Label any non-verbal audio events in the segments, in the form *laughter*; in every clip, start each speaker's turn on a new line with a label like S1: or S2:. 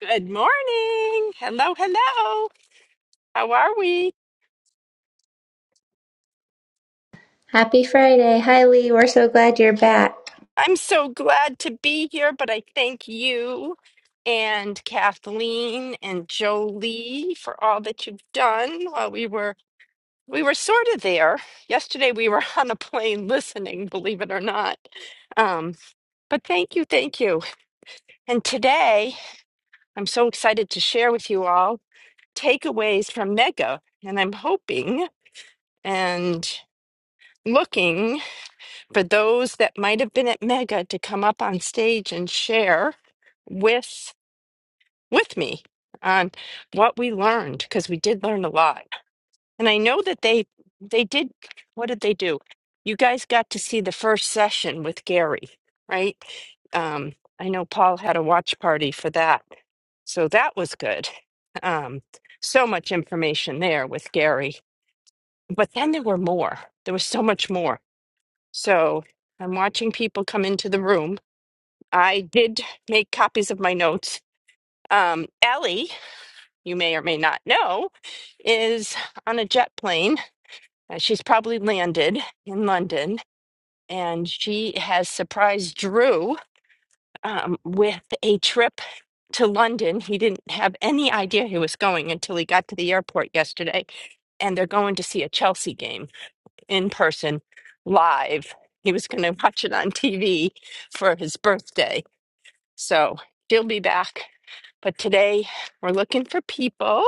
S1: Good morning. Hello, hello. How are we?
S2: Happy Friday. Hi, Lee. We're so glad you're back.
S1: I'm so glad to be here, but I thank you and Kathleen and Jolie for all that you've done while we were we were sort of there. Yesterday we were *laughs* on a plane listening, believe it or not. Um, but thank you, thank you. And today I'm so excited to share with you all takeaways from Mega, and I'm hoping and looking. for those that might have been at Mega to come up on stage and share with with me on what we learned because we did learn a lot. And I know that they they did what did they do? You guys got to see the first session with Gary, right? Um I know Paul had a watch party for that. So that was good. Um so much information there with Gary. But then there were more. There was so much more. So I'm watching people come into the room I did make copies of my notes. Um, Ellie, you may or may not know, is on a jet plane. Uh, She's probably landed in London, and she has surprised Drew um, with a trip to London. He didn't have any idea he was going until he got to the airport yesterday, and they're going to see a Chelsea game in person, live. He was going to *laughs* watch it on TV for his birthday. So she'll be back But today we're looking for people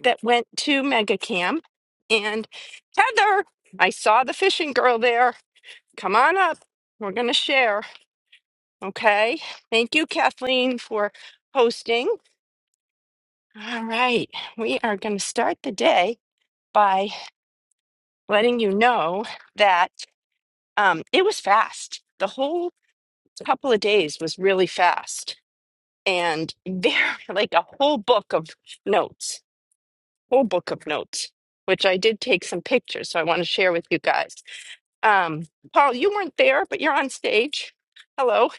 S1: that went to Mega Camp. And Heather, I saw the fishing girl there. Come on up. We're going to share. Okay. Thank you, Kathleen, for hosting. All right. We are going to start the day by letting you know that um, it was fast. The whole couple of days was really fast and very *laughs* like a whole book of notes whole book of notes, which I did take some pictures, so I want to share with you guys. Um, Paul, you weren't there, but you're on stage. Hello.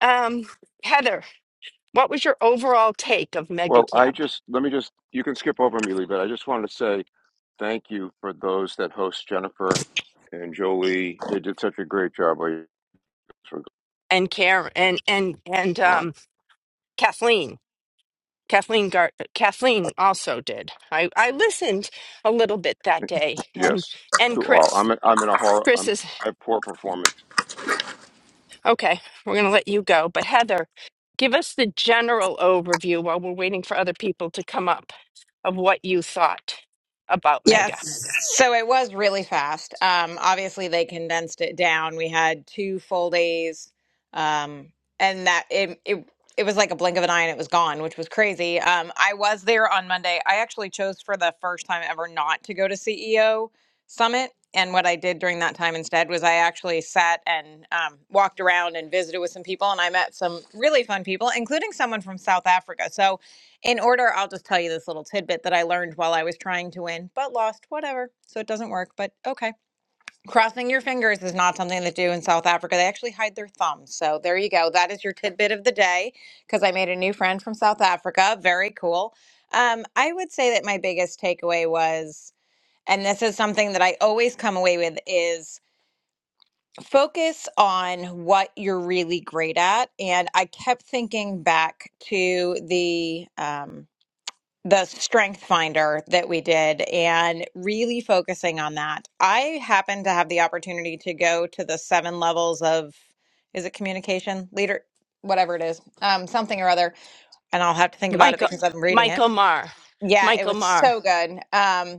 S1: Um, Heather, what was your overall take of
S3: Well, I
S1: MegaCamp
S3: just let me just you can skip over me, Lee, but I just wanted to say thank you for those that host Jennifer and Jolie. They did such a great job while you guys were
S1: and Karen and and and
S3: gone.
S1: um, Kathleen? Kathleen Gar- Kathleen also did. I, I listened a little bit that day, and
S3: Yes,
S1: and
S3: to all.
S1: Chris.
S3: I'm in, I'm in a horror. I'm
S1: Chris's
S3: I have poor performance
S1: Okay, we're going to let you go. But Heather, give us the general overview while we're waiting for other people to come up of what you thought about Mega.
S4: Yes. So it was really fast. Um, obviously, they condensed it down. We had two full days, um, and that it, it it was like a blink of an eye, and it was gone, which was crazy. Um, I was there on Monday. I actually chose for the first time ever not to go to CEO Summit, and what I did during that time instead was I actually sat and um, walked around and visited with some people, and I met some really fun people, including someone from South Africa. So in order, I'll just tell you this little tidbit that I learned while I was trying to win, but lost, whatever. So it doesn't work, but okay. Crossing your fingers is not something they do in South Africa. They actually hide their thumbs. So there you go. That is your tidbit of the day because I made a new friend from South Africa. Very cool. Um, I would say that my biggest takeaway was, and this is something that I always come away with, is focus on what you're really great at. And I kept thinking back to the. Um, the strength finder that we did and really focusing on that. I happened to have the opportunity to go to the seven levels of is it communication leader whatever it is um something or other and I'll have to think about it
S1: Michael,
S4: because I'm reading it.
S1: Michael Marr.
S4: Yeah, it
S1: Michael
S4: was
S1: Marr.
S4: so good. Um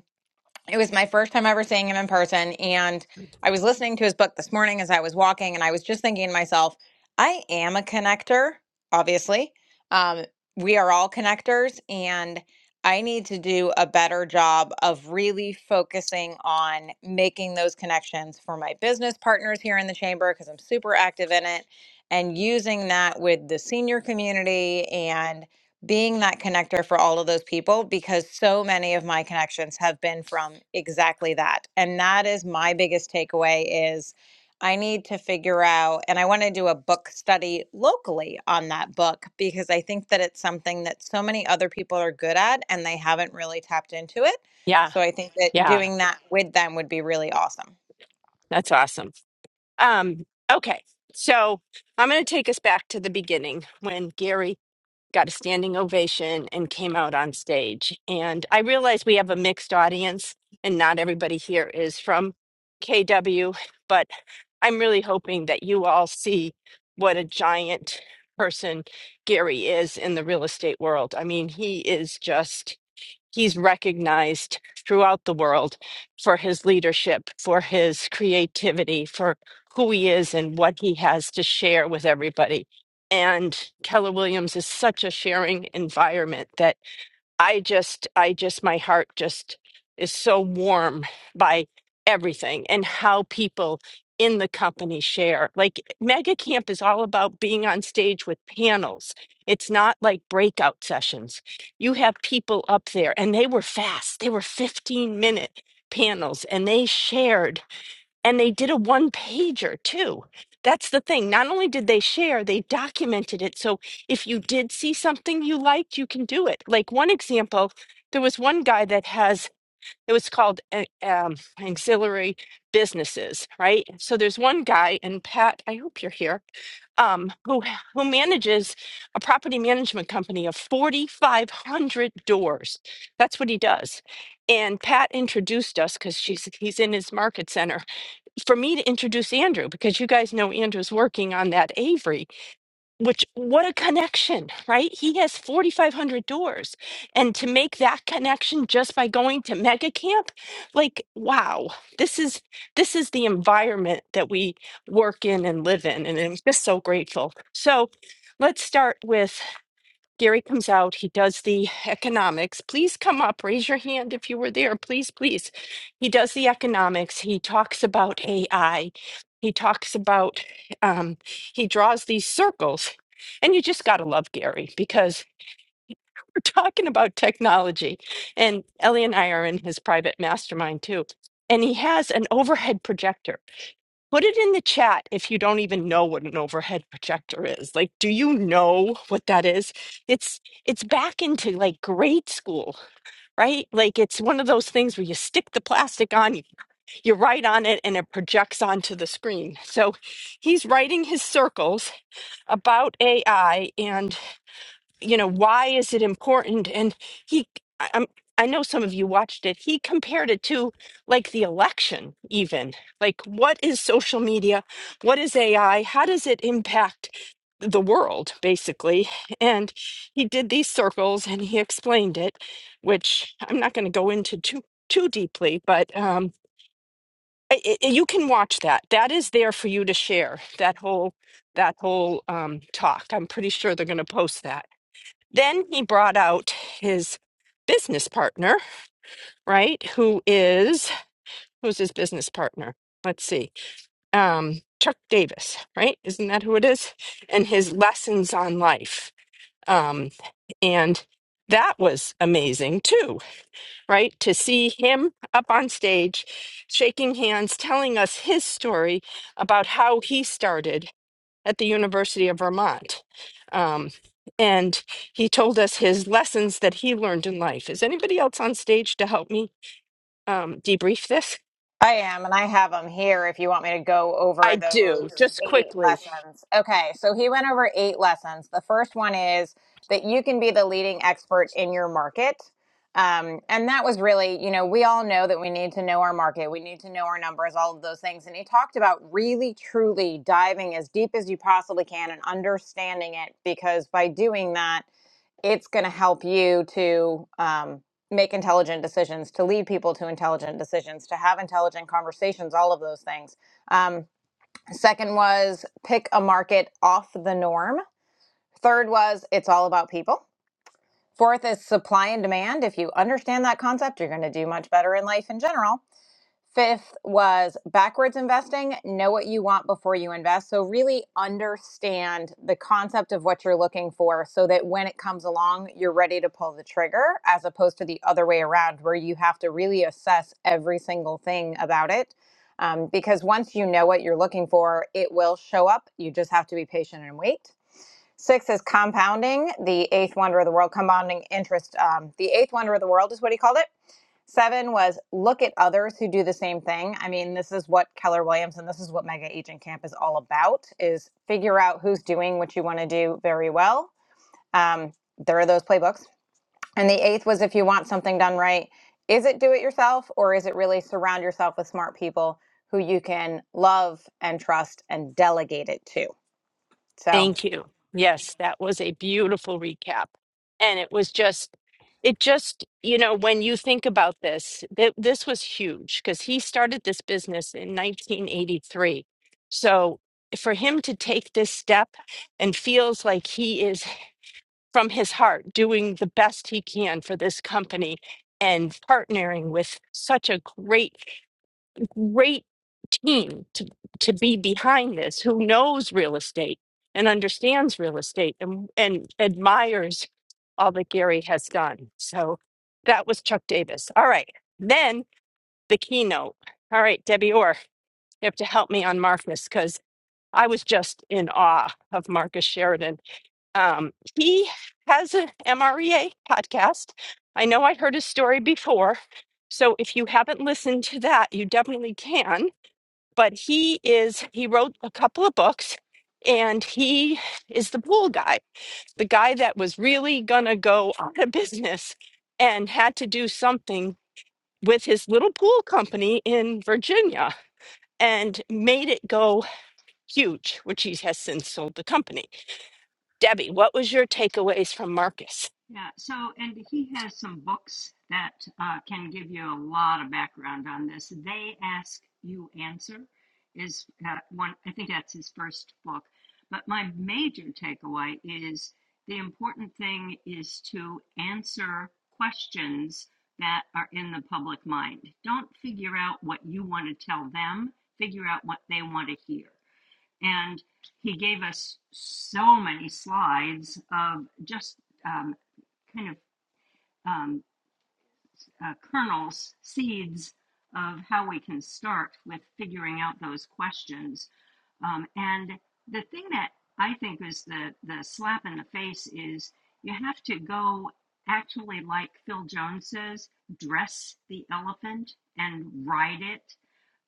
S4: it was my first time ever seeing him in person. And I was listening to his book this morning as I was walking, and I was just thinking to myself, I am a connector, obviously. Um, we are all connectors, and I need to do a better job of really focusing on making those connections for my business partners here in the chamber because I'm super active in it and using that with the senior community. and being that connector for all of those people because so many of my connections have been from exactly that and that is my biggest takeaway is i need to figure out and i want to do a book study locally on that book because i think that it's something that so many other people are good at and they haven't really tapped into it
S1: Yeah,
S4: so i think that
S1: yeah,
S4: doing that with them would be really awesome
S1: that's awesome. Um, okay, so I'm going to take us back to the beginning when Gary got a standing ovation and came out on stage. And I realize we have a mixed audience and not everybody here is from KW, but I'm really hoping that you all see what a giant person Gary is in the real estate world. I mean, he is just he's recognized throughout the world for his leadership, for his creativity, for who he is and what he has to share with everybody. And Keller Williams is such a sharing environment that. I just, I just, my heart just is so warm by everything and how people in the company share. Like Mega Camp is all about being on stage with panels. It's not like breakout sessions. You have people up there and they were fast. They were 15 minute panels and they shared and they did a one pager too. That's the thing. Not only did they share, they documented it. So if you did see something you liked, you can do it. Like one example, there was one guy that has it was called uh, um, auxiliary businesses, right? So there's one guy, and Pat, I hope you're here, um, who who manages a property management company of 4,500 doors. That's what he does. And Pat introduced us because she's he's in his market center for me to introduce Andrew because you guys know Andrew's working on that Avery, which what a connection, right? He has 4,500 doors. And to make that connection just by going to mega camp, like, wow, this is, this is the environment that we work in and live in. And I'm just so grateful. So let's start with Gary comes out, he does the economics. Please come up, raise your hand if you were there, please, please. He does the economics, he talks about AI, he talks about, um, he draws these circles. And you just got to love Gary because *laughs* we're talking about technology. And Ellie and I are in his private mastermind too. And he has an overhead projector Put it in the chat if you don't even know what an overhead projector is. Like, do you know what that is? It's it's back into like grade school, right? Like it's one of those things where you stick the plastic on, you, you write on it and it projects onto the screen. So he's writing his circles about AI and you know why is it important and he I- i'm i know some of you watched it he compared it to like the election even like what is social media what is ai how does it impact the world basically and he did these circles and he explained it which i'm not going to go into too too deeply but um i i you can watch that that is there for you to share that whole that whole um talk i'm pretty sure they're going to post that then he brought out his business partner, right? Who is who's his business partner? Let's see. Um, Chuck Davis, right? Isn't that who it is? And his lessons on life. Um, and that was amazing too, right? To see him up on stage, shaking hands, telling us his story about how he started at the University of Vermont. Um, and he told us his lessons that he learned in life. Is anybody else on stage to help me um, debrief this?
S4: I am, and I have them here if you want me to go over
S1: I do,
S4: those
S1: just
S4: eight
S1: quickly.
S4: lessons. Okay, so he went over eight lessons. The first one is that you can be the leading expert in your market. Um, and that was really, you know, we all know that we need to know our market, we need to know our numbers, all of those things. And he talked about really, truly diving as deep as you possibly can and understanding it because by doing that, it's going to help you to um, make intelligent decisions, to lead people to intelligent decisions, to have intelligent conversations, all of those things. Um, second was pick a market off the norm. Third was it's all about people. Fourth is supply and demand. If you understand that concept, you're going to do much better in life in general. Fifth was backwards investing. Know what you want before you invest. So, really understand the concept of what you're looking for so that when it comes along, you're ready to pull the trigger, as opposed to the other way around, where you have to really assess every single thing about it. Um, because once you know what you're looking for, it will show up. You just have to be patient and wait. Six is compounding, the eighth wonder of the world, compounding interest. Um, the eighth wonder of the world is what he called it Seven was look at others who do the same thing. I mean, this is what Keller Williams and this is what Mega Agent Camp is all about: is figure out who's doing what you want to do very well. Um, there are those playbooks. And the eighth was if you want something done right, is it do it yourself or is it really surround yourself with smart people who you can love and trust and delegate it to? So
S1: Thank you. Yes, that was a beautiful recap. And it was just, it just, you know, when you think about this, th- this was huge because he started this business in 1983. So for him to take this step and feels like he is from his heart doing the best he can for this company and partnering with such a great great team to, to be behind this who knows real estate and understands real estate and, and admires all that gary has done so that was chuck davis all right then the keynote all right debbie orr you have to help me on marcus because i was just in awe of marcus sheridan um, he has an MREA podcast. I know I heard his story before. So if you haven't listened to that, you definitely can. But he is, he wrote a couple of books and he is the pool guy, the guy that was really going to go *laughs* out of business and had to do something with his little pool company in Virginia and made it go huge, which he has since sold the company. Debbie, what was your takeaways from Marcus?
S5: Yeah, so, and he has some books that uh, can give you a lot of background on this. They Ask You Answer is uh, one, I think that's his first book. But my major takeaway is the important thing is to answer questions that are in the public mind. Don't figure out what you want to tell them, figure out what they want to hear. And he gave us so many slides of just. um, kind of um, uh, kernels, seeds of how we can start with figuring out those questions. Um, and the thing that I think is the, the slap in the face is you have to go actually, like Phil Jones says, dress the elephant and ride it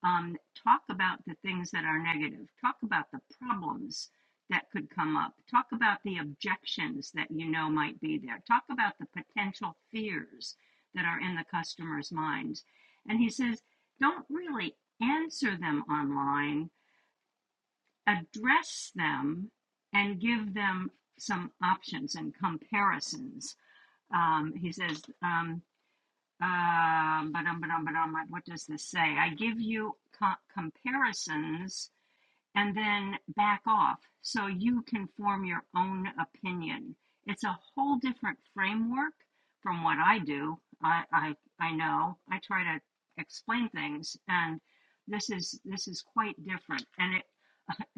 S5: um, talk about the things that are negative, talk about the problems that could come up, talk about the objections that you know might be there, talk about the potential fears that are in the customer's minds. And he says, don't really answer them online, address them and give them some options and comparisons. Um, he says, um, um, ba-dum, ba-dum, ba-dum, like, what does this say? I give you co- comparisons and then back off so you can form your own opinion. It's a whole different framework from what I do. I, I, I know I try to explain things, and this is this is quite different. And it,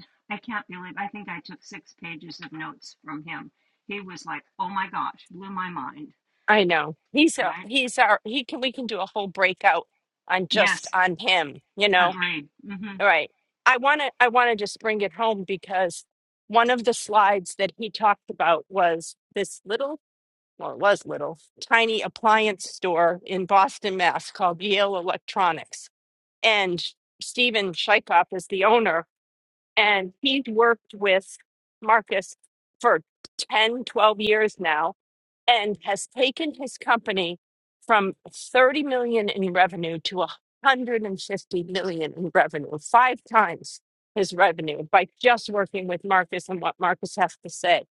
S5: *laughs* I can't believe I think I took six pages of notes from him. He was like, "Oh my gosh, blew my mind."
S1: I know. He's a
S5: Right?
S1: he's our he can we can do a whole breakout on just
S5: Yes.
S1: on him, you know.
S5: Agreed. hmm
S1: All right. I want to I want to just bring it home because one of the slides that he talked about was this little well it was little tiny appliance store in Boston, Mass called Yale Electronics. And Steven Shykop is the owner and he's worked with Marcus for 10, 12 years now and has taken his company from 30 million in revenue to 150 million in revenue, five times his revenue by just working with Marcus and what Marcus has to say.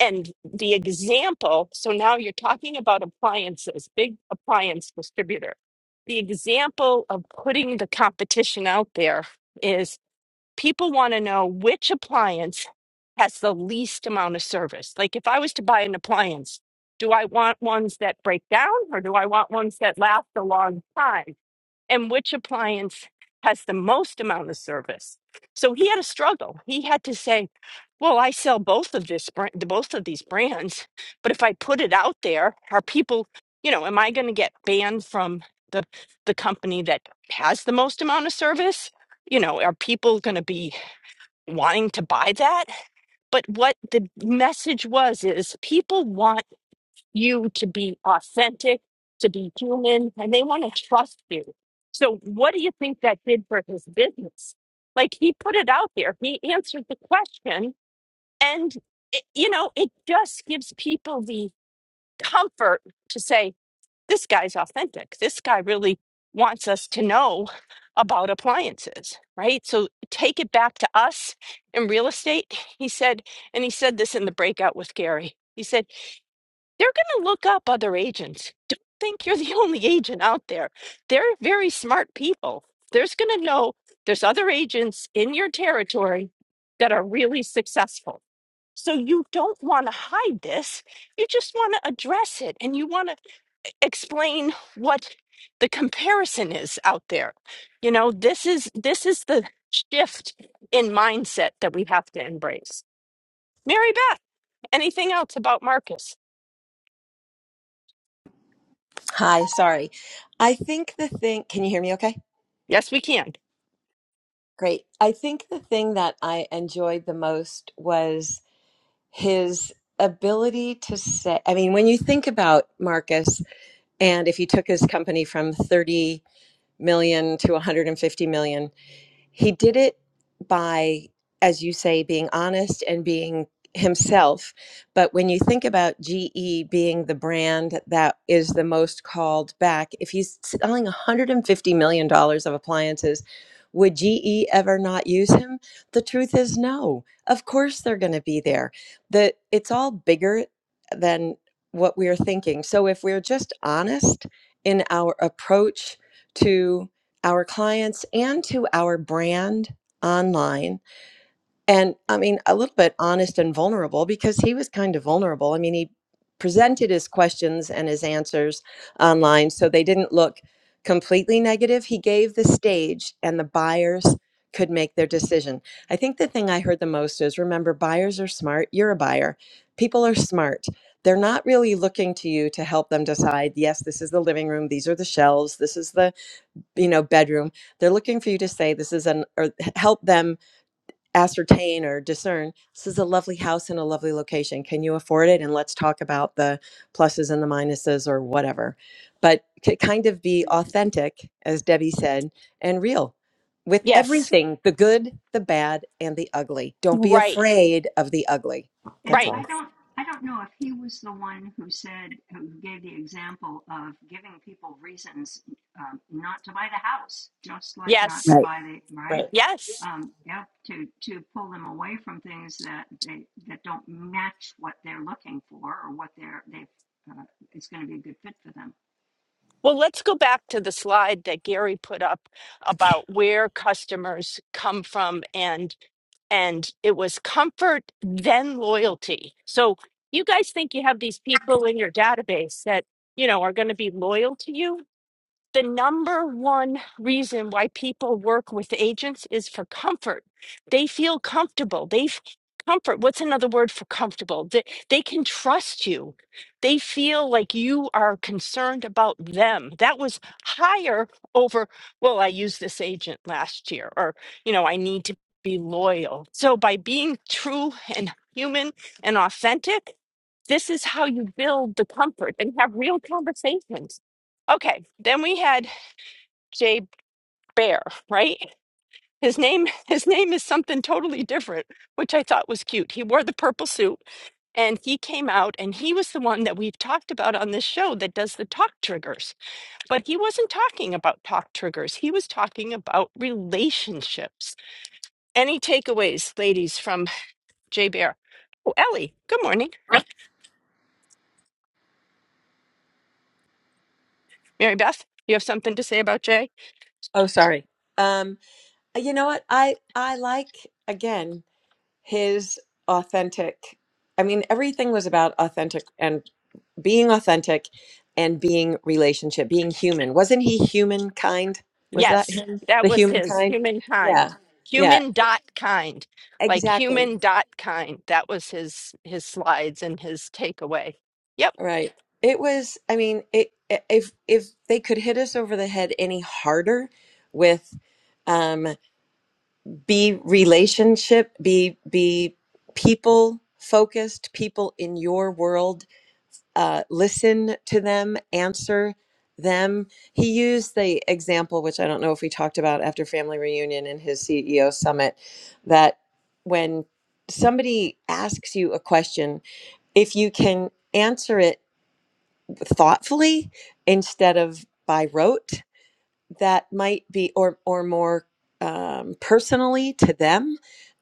S1: And the example, so now you're talking about appliances, big appliance distributor. The example of putting the competition out there is people want to know which appliance has the least amount of service. Like if I was to buy an appliance, do I want ones that break down or do I want ones that last a long time? And which appliance has the most amount of service? So he had a struggle. He had to say, "Well, I sell both of this brand, both of these brands, but if I put it out there, are people, you know, am I going to get banned from the the company that has the most amount of service? You know, are people going to be wanting to buy that. But what the message was is people want you to be authentic, to be human, and they want to trust you. So, what do you think that did for his business? Like, he put it out there, he answered the question, and it, you know, it just gives people the comfort to say, this guy's authentic. This guy really wants us to know about appliances, right? So take it back to us in real estate. He said, and he said this in the breakout with Gary. He said, they're going to look up other agents. Don't think you're the *laughs* only agent out there. They're very smart people. There's going to know there's other agents in your territory that are really successful. So you don't want to hide this. You just want to address it and you want to explain what the comparison is out there. You know, this is this is the shift in mindset that we have to embrace. Mary Beth, anything else about Marcus?
S6: Hi, sorry. I think the thing, can you hear me okay?
S1: Yes, we can.
S6: Great. I think the thing that I enjoyed the most was his ability to say, I mean, when you think about Marcus, and if you took his company from 30 million to 150 million, He did it by, as you say, being honest and being himself. But when you think about GE being the brand that is the most called back, if he's selling $150 million dollars of appliances, would GE ever not use him? The truth is no. Of course they're going to be there. The it's all bigger than what we're thinking. So if we're just honest in our approach to our clients and to our brand online. And I mean, a little bit honest and vulnerable because he was kind of vulnerable. I mean, he presented his questions and his answers online so they didn't look completely negative. He gave the stage and the buyers could make their decision. I think the thing I heard the most is remember, buyers are smart. You're a buyer. People are smart. They're not really looking to you to help them decide, yes, this is the living room, these are the shelves, this is the you know bedroom they're looking for you to say this is an or help them ascertain or discern this is a lovely house in a lovely location can you afford it and let's talk about the pluses and the minuses or whatever but to kind of be authentic as debbie said and real with
S1: Yes.
S6: everything the good the bad and the ugly don't be
S1: Right.
S6: afraid of the ugly
S5: And
S6: that's
S1: Right.
S6: all
S5: I don't, I don't know if he was the one who said, who gave the example of giving people reasons um, not to buy the house, just like not to
S1: Yes.
S6: Right.
S5: buy the right.
S1: Yes.
S5: Um, yeah, to to pull them away from things that they that don't match what they're looking for or what they're they uh, it's going to be a good fit for them.
S1: Well, let's go back to the slide that Gary put up about where customers come from and. and it was comfort then loyalty so you guys think you have these people in your database that you know are going to be loyal to you the number one reason why people work with agents is for comfort. They feel comfortable. They f- comfort. What's another word for comfortable? They, they can trust you. They feel like you are concerned about them. That was higher over, well, I used this agent last year, or, you know, I need to be loyal. So by being true and human and authentic, this is how you build the comfort and have real conversations. Okay, then we had Jay Bear, right? His name *laughs* his name is something totally different, which I thought was cute. He wore the purple suit and he came out and he was the one that we've talked about on this show that does the talk triggers. But he wasn't talking about talk triggers. He was talking about relationships. Any takeaways, ladies, from Jay Bear? Oh, Ellie, good morning. Mary Beth, you have something to say about Jay?
S6: Oh, sorry. Um, uh, you know what? I I like again his authentic. I mean, everything was about authentic and being authentic and being relationship, being human. Wasn't he humankind? Was that
S1: Yes,
S6: him?
S1: that
S6: The
S1: was his
S6: humankind? Yeah.
S1: humankind.
S6: Yeah,
S1: Human dot kind. Like
S6: exactly.
S1: human dot kind. That was his his slides and his takeaway. Yep.
S6: Right. It was, I mean, it i- if if they could hit us over the head any harder with um be relationship, be be people focused, people in your world, uh listen to them, answer them. He used the example which I don't know if we talked about after family reunion in his CEO summit that when somebody asks you a question, if you can answer it thoughtfully instead of by rote that might be or or more um, personally to them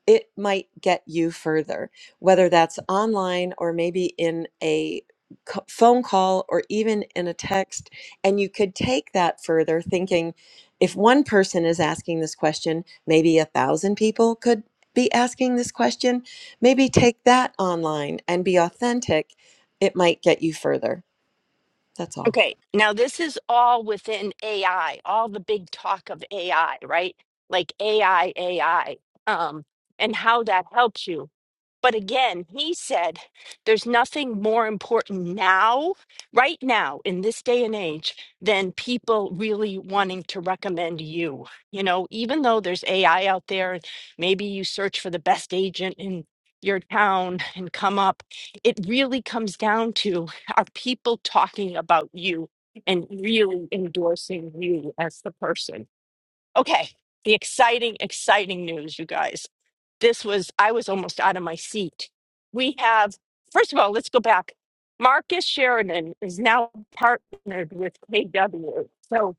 S6: it might get you further whether that's online or maybe in a c- phone call or even in a text and you could take that further thinking if one person is asking this question maybe a thousand people could be asking this question maybe take that online and be authentic it might get you further that's all
S1: Okay, now this is all within AI, all the big talk of AI, right? Like AI, AI, um, and how that helps you. But again, he said there's nothing more important now, right now, in this day and age, than people really wanting to recommend you. You know, even though there's AI out there, and maybe you search for the best agent in your town and come up, it really comes down to are people talking about you and really endorsing you as the person? Okay, the exciting, exciting news, you guys. This was, I was almost out of my seat. We have, first of all, let's go back. Marcus Sheridan is now partnered with KW. So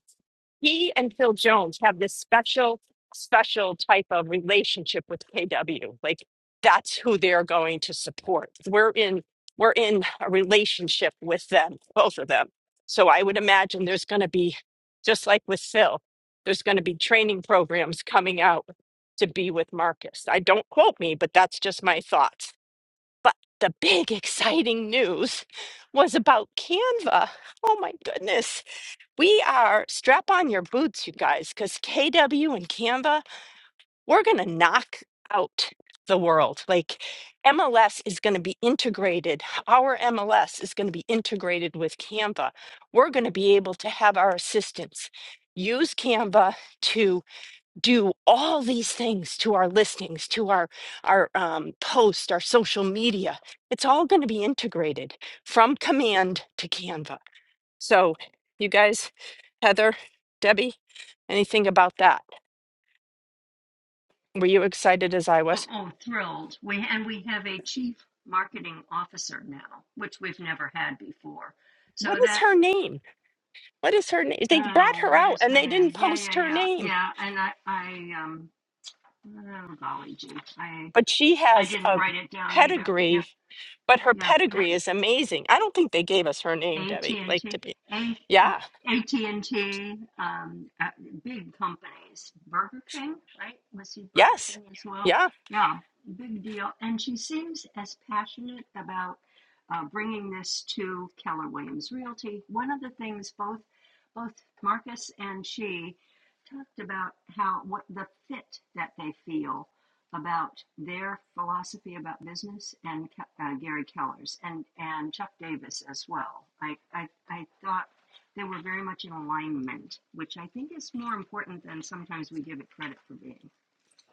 S1: he and Phil Jones have this special, special type of relationship with KW. Like that's who they're going to support. We're in we're in a relationship with them, both of them. So I would imagine there's going to be just like with Phil, there's going to be training programs coming out to be with Marcus. I don't quote me, but that's just my thoughts. But the big exciting news was about Canva. Oh my goodness we are strap on your boots, you guys, because KW and Canva, we're going to knock out the world. Like MLS is going to be integrated. Our MLS is going to be integrated with Canva. We're going to be able to have our assistants use Canva to do all these things to our listings, to our our um, post, our social media. It's all going to be integrated from command to Canva. So, you guys, Heather, Debbie, anything about that? Were you excited as I
S5: Oh,
S1: was?
S5: oh, thrilled! We and we have a chief marketing officer now, which we've never had before.
S1: What
S5: So
S1: is
S5: that
S1: her name? What is her name? They brought
S5: Oh,
S1: her
S5: what
S1: out
S5: is
S1: and
S5: her
S1: they
S5: name?
S1: didn't
S5: Yeah,
S1: post
S5: yeah,
S1: her
S5: yeah,
S1: name,
S5: yeah. And I, I, um, oh golly gee, I,
S1: but she
S5: I
S1: has
S5: didn't
S1: a
S5: write it down either. Yeah,
S1: pedigree, but her
S5: yeah. yeah.
S1: pedigree is amazing. I don't think they gave us her name, Debbie, like
S5: AT&T,
S1: to be. Yeah.
S5: AT&T, um, uh, big companies, Burger King, right? Was see Burger
S1: Yes.
S5: King as well?
S1: Yeah.
S5: Yeah, big deal. And she seems as passionate about uh, bringing this to Keller Williams Realty. One of the things both both Marcus and she talked about how what the fit that they feel about their philosophy about business and uh, Gary Keller's and, and Chuck Davis as well. I, I, I thought they were very much in alignment, which I think is more important than sometimes we give it credit for being.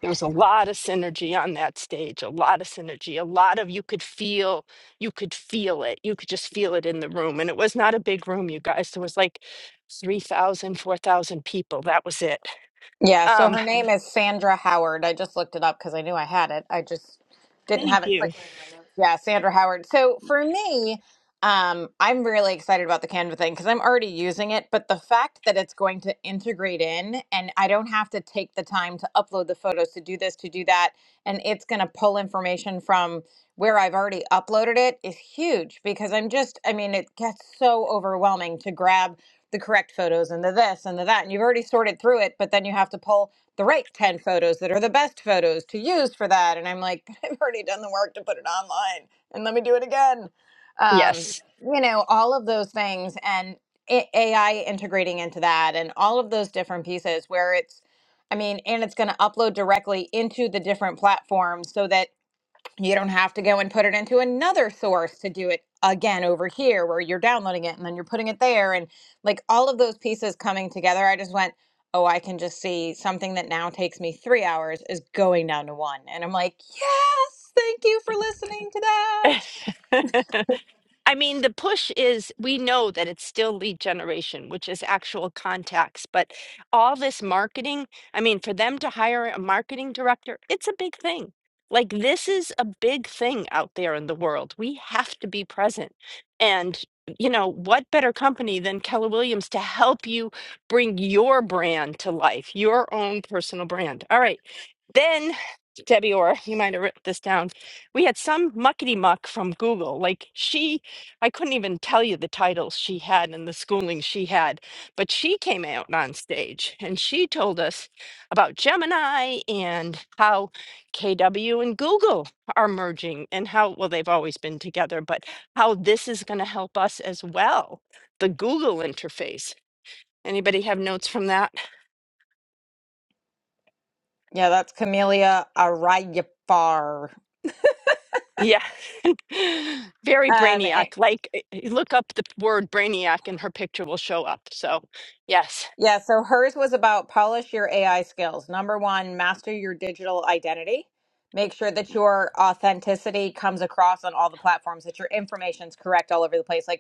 S1: There was a lot of synergy on that stage, a lot of synergy, a lot of you could feel, you could feel it. You could just feel it in the room. And it was not a big room, you guys. There was like 3,000, 4,000 people. That was it.
S4: Yeah, so
S1: Um,
S4: her name is Sandra Howard. I just looked it up because I knew I had it. I just didn't
S1: thank
S4: have it
S1: you.
S4: quickly. in my notes. Yeah, Sandra Howard. So for me, um, I'm really excited about the Canva thing because I'm already using it, but the fact that it's going to integrate in and I don't have to take the time to upload the photos to do this, to do that, and it's going to pull information from where I've already uploaded it is huge because I'm just, I mean, it gets so overwhelming to grab the correct photos and the this and the that. And you've already sorted through it, but then you have to pull the right 10 photos that are the best photos to use for that. And I'm like, *laughs* but I've already done the work to put it online and let me do it again. Um,
S1: Yes.
S4: you know, all of those things and A- AI integrating into that and all of those different pieces where it's, I mean, and it's going to upload directly into the different platforms so that you don't have to go and put it into another source to do it again over here where you're downloading it and then you're putting it there. And like all of those pieces coming together, I just went, oh, I can just see something that now takes me three hours is going down to one. And I'm like, yes, thank you for listening to that.
S1: *laughs* I mean, the push is we know that it's still lead generation, which is actual contacts, but all this marketing, I mean, for them to hire a marketing director, it's a big thing. Like, this is a big thing out there in the world. We have to be present. And, you know, what better company than Keller Williams to help you bring your brand to life, your own personal brand? All right. Then, Debbie Orr, you might have written this down. We had some muckety muck from Google. Like, she I couldn't even tell you the titles she had and the schooling she had, but she came out on stage and she told us about Gemini and how KW and Google are merging and how, well, they've always been together, but how this is going to help us as well. The Google interface. Anybody have notes from that?
S4: Yeah, that's Camellia Arayafar. Um,
S1: Yeah. *laughs* Very
S4: and- eh,
S1: brainiac. Like, eh, eh, look up the word brainiac and her picture will show up. So, yes.
S4: yeah, so hers was about polish your AI skills. Number one, master your digital identity. Make sure that your authenticity comes across on all the platforms, that your information's correct all over the place. Like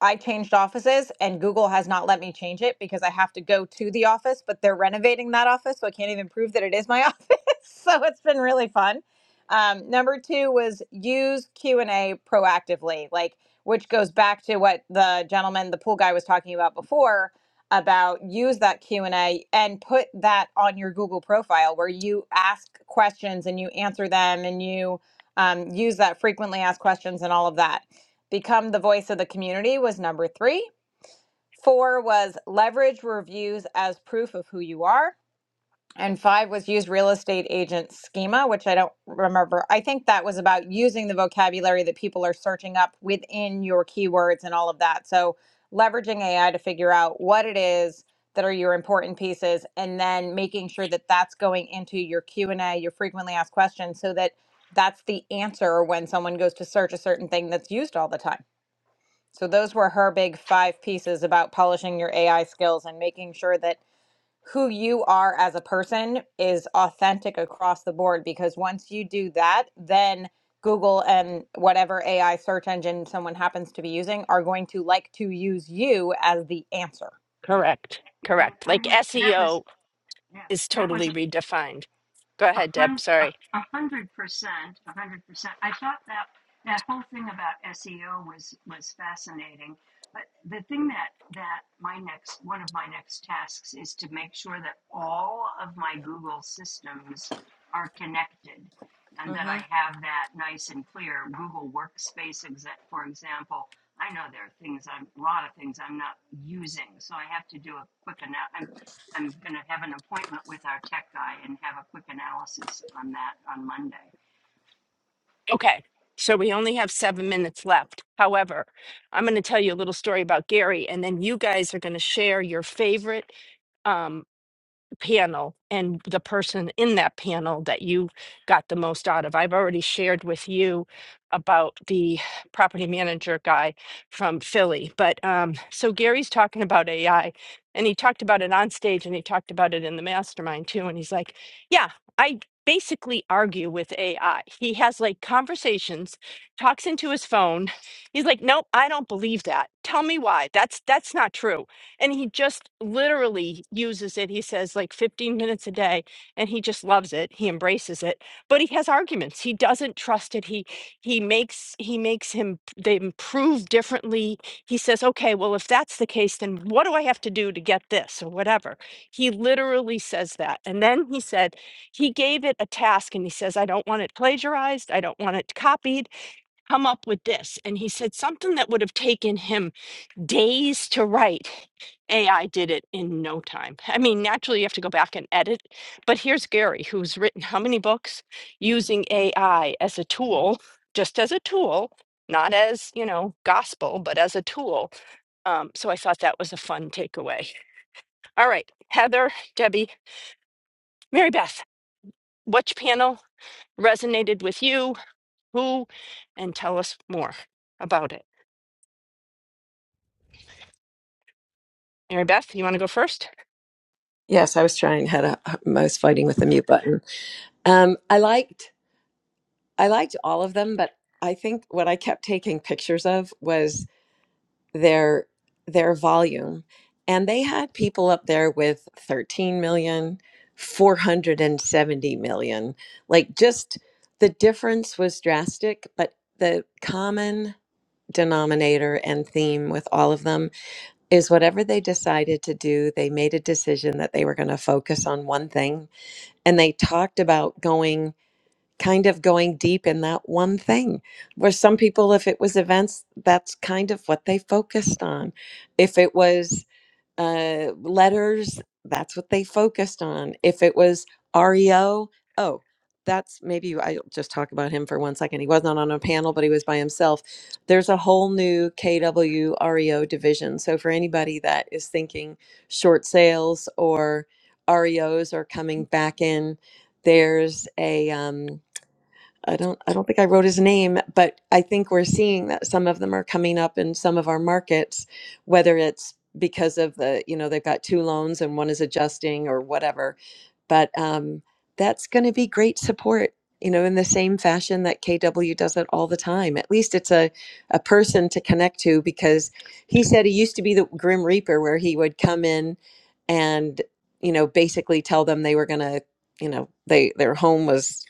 S4: I changed offices and Google has not let me change it because I have to go to the office, but they're renovating that office, so I can't even prove that it is my *laughs* office. so it's been really fun. Um, number two was use Q and A proactively, like which goes back to what the gentleman, the pool guy, was talking about before about use that Q and A and put that on your Google profile where you ask questions and you answer them and you um, use that frequently asked questions and all of that Become the voice of the community was number three. Four was leverage reviews as proof of who you are. And five was use real estate agent schema, which I don't remember. I think that was about using the vocabulary that people are searching up within your keywords and all of that. So leveraging AI to figure out what it is that are your important pieces and then making sure that that's going into your Q&A, your frequently asked questions so that that's the answer when someone goes to search a certain thing that's used all the time. So those were her big five pieces about polishing your AI skills and making sure that who you are as a person is authentic across the board because once you do that, then Google and whatever AI search engine someone happens to be using are going to like to use you as the answer.
S1: Correct.
S5: And
S1: Correct.
S5: I
S1: Like
S5: would, that was,
S1: SEO
S5: yeah,
S1: is
S5: that was
S1: totally redefined. Go
S5: a
S1: ahead, Deb.
S5: hundred, a,
S1: Sorry.
S5: hundred percent, a hundred percent. I thought that that whole thing about SEO was was fascinating. But the thing that that my next one of my next tasks is to make sure that all of my Google systems are connected, and that I have that nice and clear Google Workspace. For example, I know there are things I'm a lot of things I'm not using, so I have to do a quick analysis I'm going to have an appointment with our tech guy and have a quick analysis on that on Monday.
S1: Okay. So we only have seven minutes left. However, I'm going to tell you a little story about Gary, and then you guys are going to share your favorite. Um. panel and the person in that panel that you got the most out of. I've already shared with you about the property manager guy from Philly. But um, so Gary's talking about AI and he talked about it on stage and he talked about it in the mastermind too. And he's like, yeah, I basically argue with AI. He has like conversations, talks into his phone. He's like, nope, I don't believe that. Tell me why. That's that's not true and he just literally uses it he says like 15 minutes a day and he just loves it he embraces it but he has arguments he doesn't trust it he he makes he makes him they improve differently he says okay well if that's the case then what do i have to do to get this or whatever he literally says that and then he said he gave it a task and he says i don't want it plagiarized i don't want it copied come up with this and he said something that would have taken him days to write. AI did it in no time. I mean, naturally, you have to go back and edit. But here's Gary, who's written how many books using AI as a tool, just as a tool, not as, you know, gospel, but as a tool. Um, so I thought that was a fun takeaway. All right, Heather, Debbie, Mary Beth, which panel resonated with you? Who? And tell us more about it. Mary Beth, you want to go first?
S6: Yes, I was trying had a I was fighting with the mute button. Um, I liked I liked all of them, but I think what I kept taking pictures of was their their volume. And they had people up there with thirteen million, four hundred and seventy million. Like just the difference was drastic, but the common denominator and theme with all of them is whatever they decided to do, they made a decision that they were going to focus on one thing and they talked about going kind of going deep in that one thing where some people if it was events that's kind of what they focused on if it was uh, letters, that's what they focused on. If it was REO, oh, that's maybe I'll just talk about him for one second. He wasn't on a panel, but he was by himself. There's a whole new KW REO division. So for anybody that is thinking short sales or REOs are coming back in, there's a um, I don't I don't think I wrote his name, but I think we're seeing that some of them are coming up in some of our markets, whether it's because of the, you know, they've got two loans and one is adjusting or whatever. But um, that's going to be great support, you know, in the same fashion that KW does it all the time. At least it's a, a person to connect to because he said he used to be the Grim Reaper where he would come in and, you know, basically tell them they were going to, you know, they their home was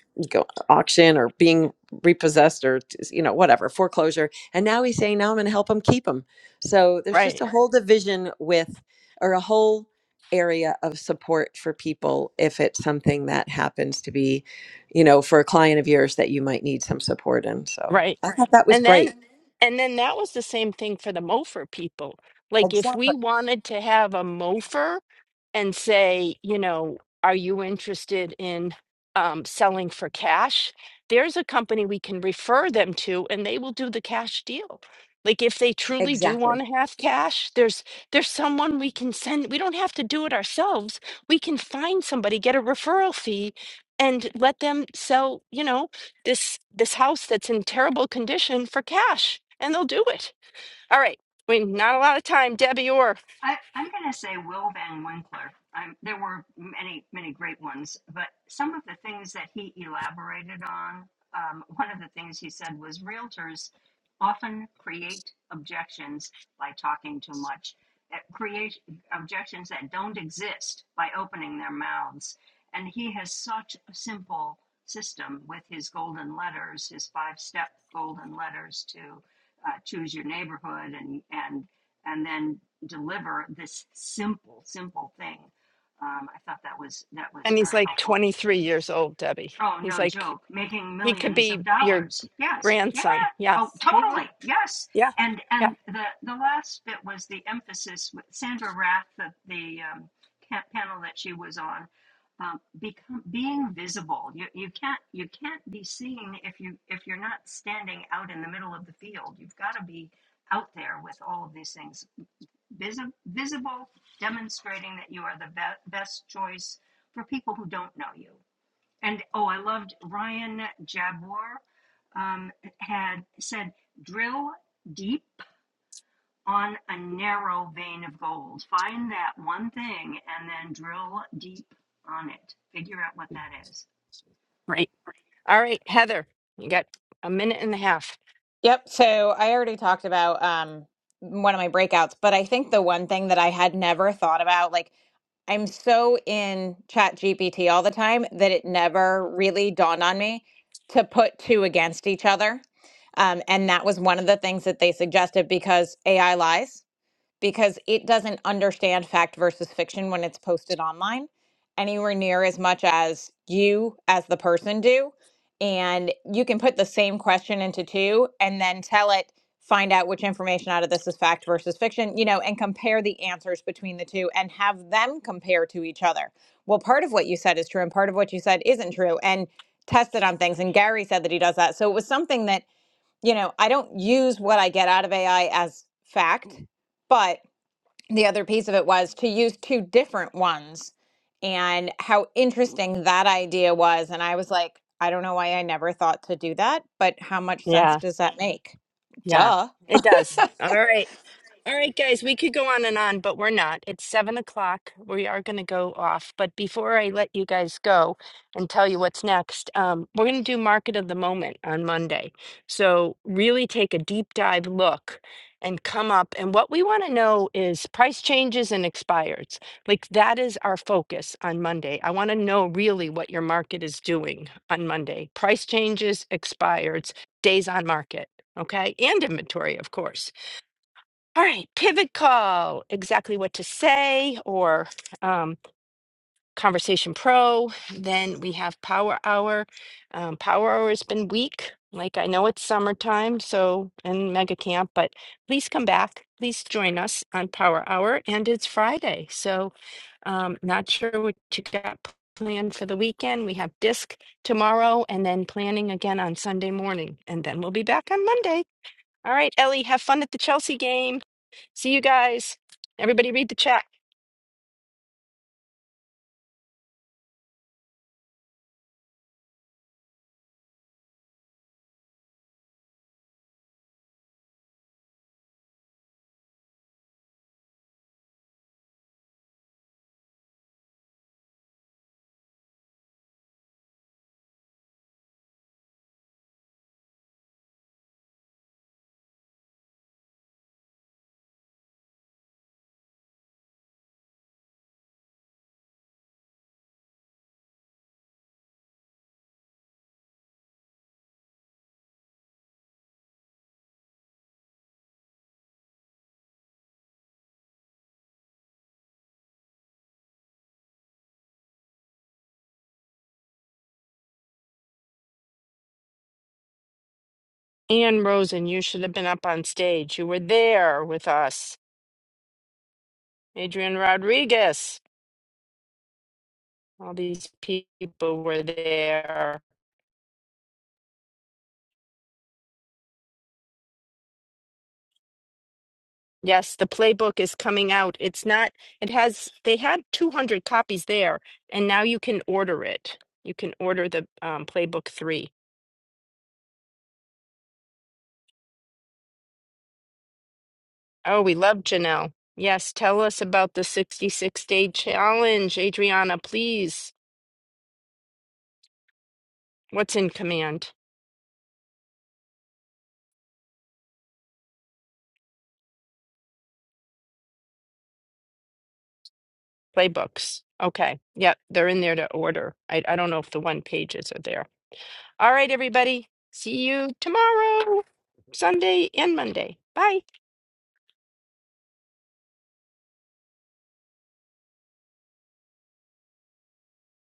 S6: auction or being repossessed or you know whatever foreclosure and now he's saying now i'm going to help him keep them so there's
S1: Right.
S6: just a whole division with or a whole area of support for people if it's something that happens to be you know for a client of yours that you might need some support in so
S1: Right.
S6: i thought that was
S1: And
S6: great
S1: then and then that was the same thing for the Mofer people. Like if
S6: exactly
S1: we wanted to have a Mofer and say, you know, are you interested in um, selling for cash? There's a company we can refer them to, and they will do the cash deal. Like if they truly do
S6: Exactly.
S1: want to have cash, there's there's someone we can send. We don't have to do it ourselves. We can find somebody, get a referral fee, and let them sell, you know, this this house that's in terrible condition for cash, and they'll do it. All right. We not a lot of time, Debbie Orr.
S5: I, I'm going to say Will Van Winkler. Um, there were many, many great ones, but some of the things that he elaborated on, um, one of the things he said was realtors often create objections by talking too much, uh, create objections that don't exist by opening their mouths. And he has such a simple system with his golden letters, his five step golden letters to uh, choose your neighborhood and, and and then deliver this simple, simple thing. Um, I thought that was that was
S1: And
S5: very
S1: he's like
S5: helpful.
S1: 23 years old, Debbie.
S5: Oh,
S1: He's
S5: no
S1: like,
S5: joke, making
S1: he could
S5: millions
S1: be
S5: of
S1: your
S5: dollars. Yes, yeah.
S1: grandson. Yeah.
S5: Oh,
S1: hmm
S5: totally. Yes.
S1: Yeah.
S5: And
S1: Yeah.
S5: and the the last bit was the emphasis with Sandra Rath, the, the um, panel that she was on. Um, become being visible. You, you can't you can't be seen if you if you're not standing out in the middle of the field. You've got to be out there with all of these things visi- visible, demonstrating that you are the be- best choice for people who don't know you. And oh, I loved Ryan Jabbour um, had said, drill deep on a narrow vein of gold. Find that one thing and then drill deep on it. Figure out what that is.
S1: Right. All right, Heather, you got a minute and a half.
S4: Yep. So I already talked about um, one of my breakouts, but I think the one thing that I had never thought about, like, I'm so in Chat GPT all the time that it never really dawned on me to put two against each other. Um, and that was one of the things that they suggested because AI lies because it doesn't understand fact versus fiction when it's posted online anywhere near as much as you as the person do and you can put the same question into two and then tell it find out which information out of this is fact versus fiction you know and compare the answers between the two and have them compare to each other well part of what you said is true and part of what you said isn't true and test it on things and gary said that he does that so it was something that you know i don't use what i get out of ai as fact but the other piece of it was to use two different ones and how interesting that idea was and i was like i don't know why i never thought to do that but how much sense
S1: Yeah.
S4: does that make
S1: Yeah.
S4: duh
S1: It does. All right. All right, guys, we could go on and on, but we're not. It's seven o'clock. We are going to go off. But before I let you guys go and tell you what's next, um, we're going to do market of the moment on Monday. So, really take a deep dive look and come up. And what we want to know is price changes and expires. Like, that is our focus on Monday. I want to know really what your market is doing on Monday price changes, expires, days on market. Okay, and inventory, of course. All right, pivot call, exactly what to say, or um, conversation pro. Then we have power hour. Um, power hour has been weak. Like I know it's summertime, so and mega camp, but please come back. Please join us on power hour. And it's Friday, so um, not sure what you got planned for the weekend. We have disc tomorrow and then planning again on Sunday morning. And then we'll be back on Monday. All right, Ellie, have fun at the Chelsea game. See you guys. Everybody read the chat. Ann Rosen, you should have been up on stage. You were there with us. Adrian Rodriguez, all these people were there. Yes, the playbook is coming out. It's not, it has, they had 200 copies there, and now you can order it. You can order the um, playbook three. Oh, we love Janelle. Yes, tell us about the 66 day challenge, Adriana, please. What's in command? Playbooks. Okay. Yep. They're in there to order. I, I don't know if the one pages are there. All right, everybody. See you tomorrow, Sunday and Monday. Bye.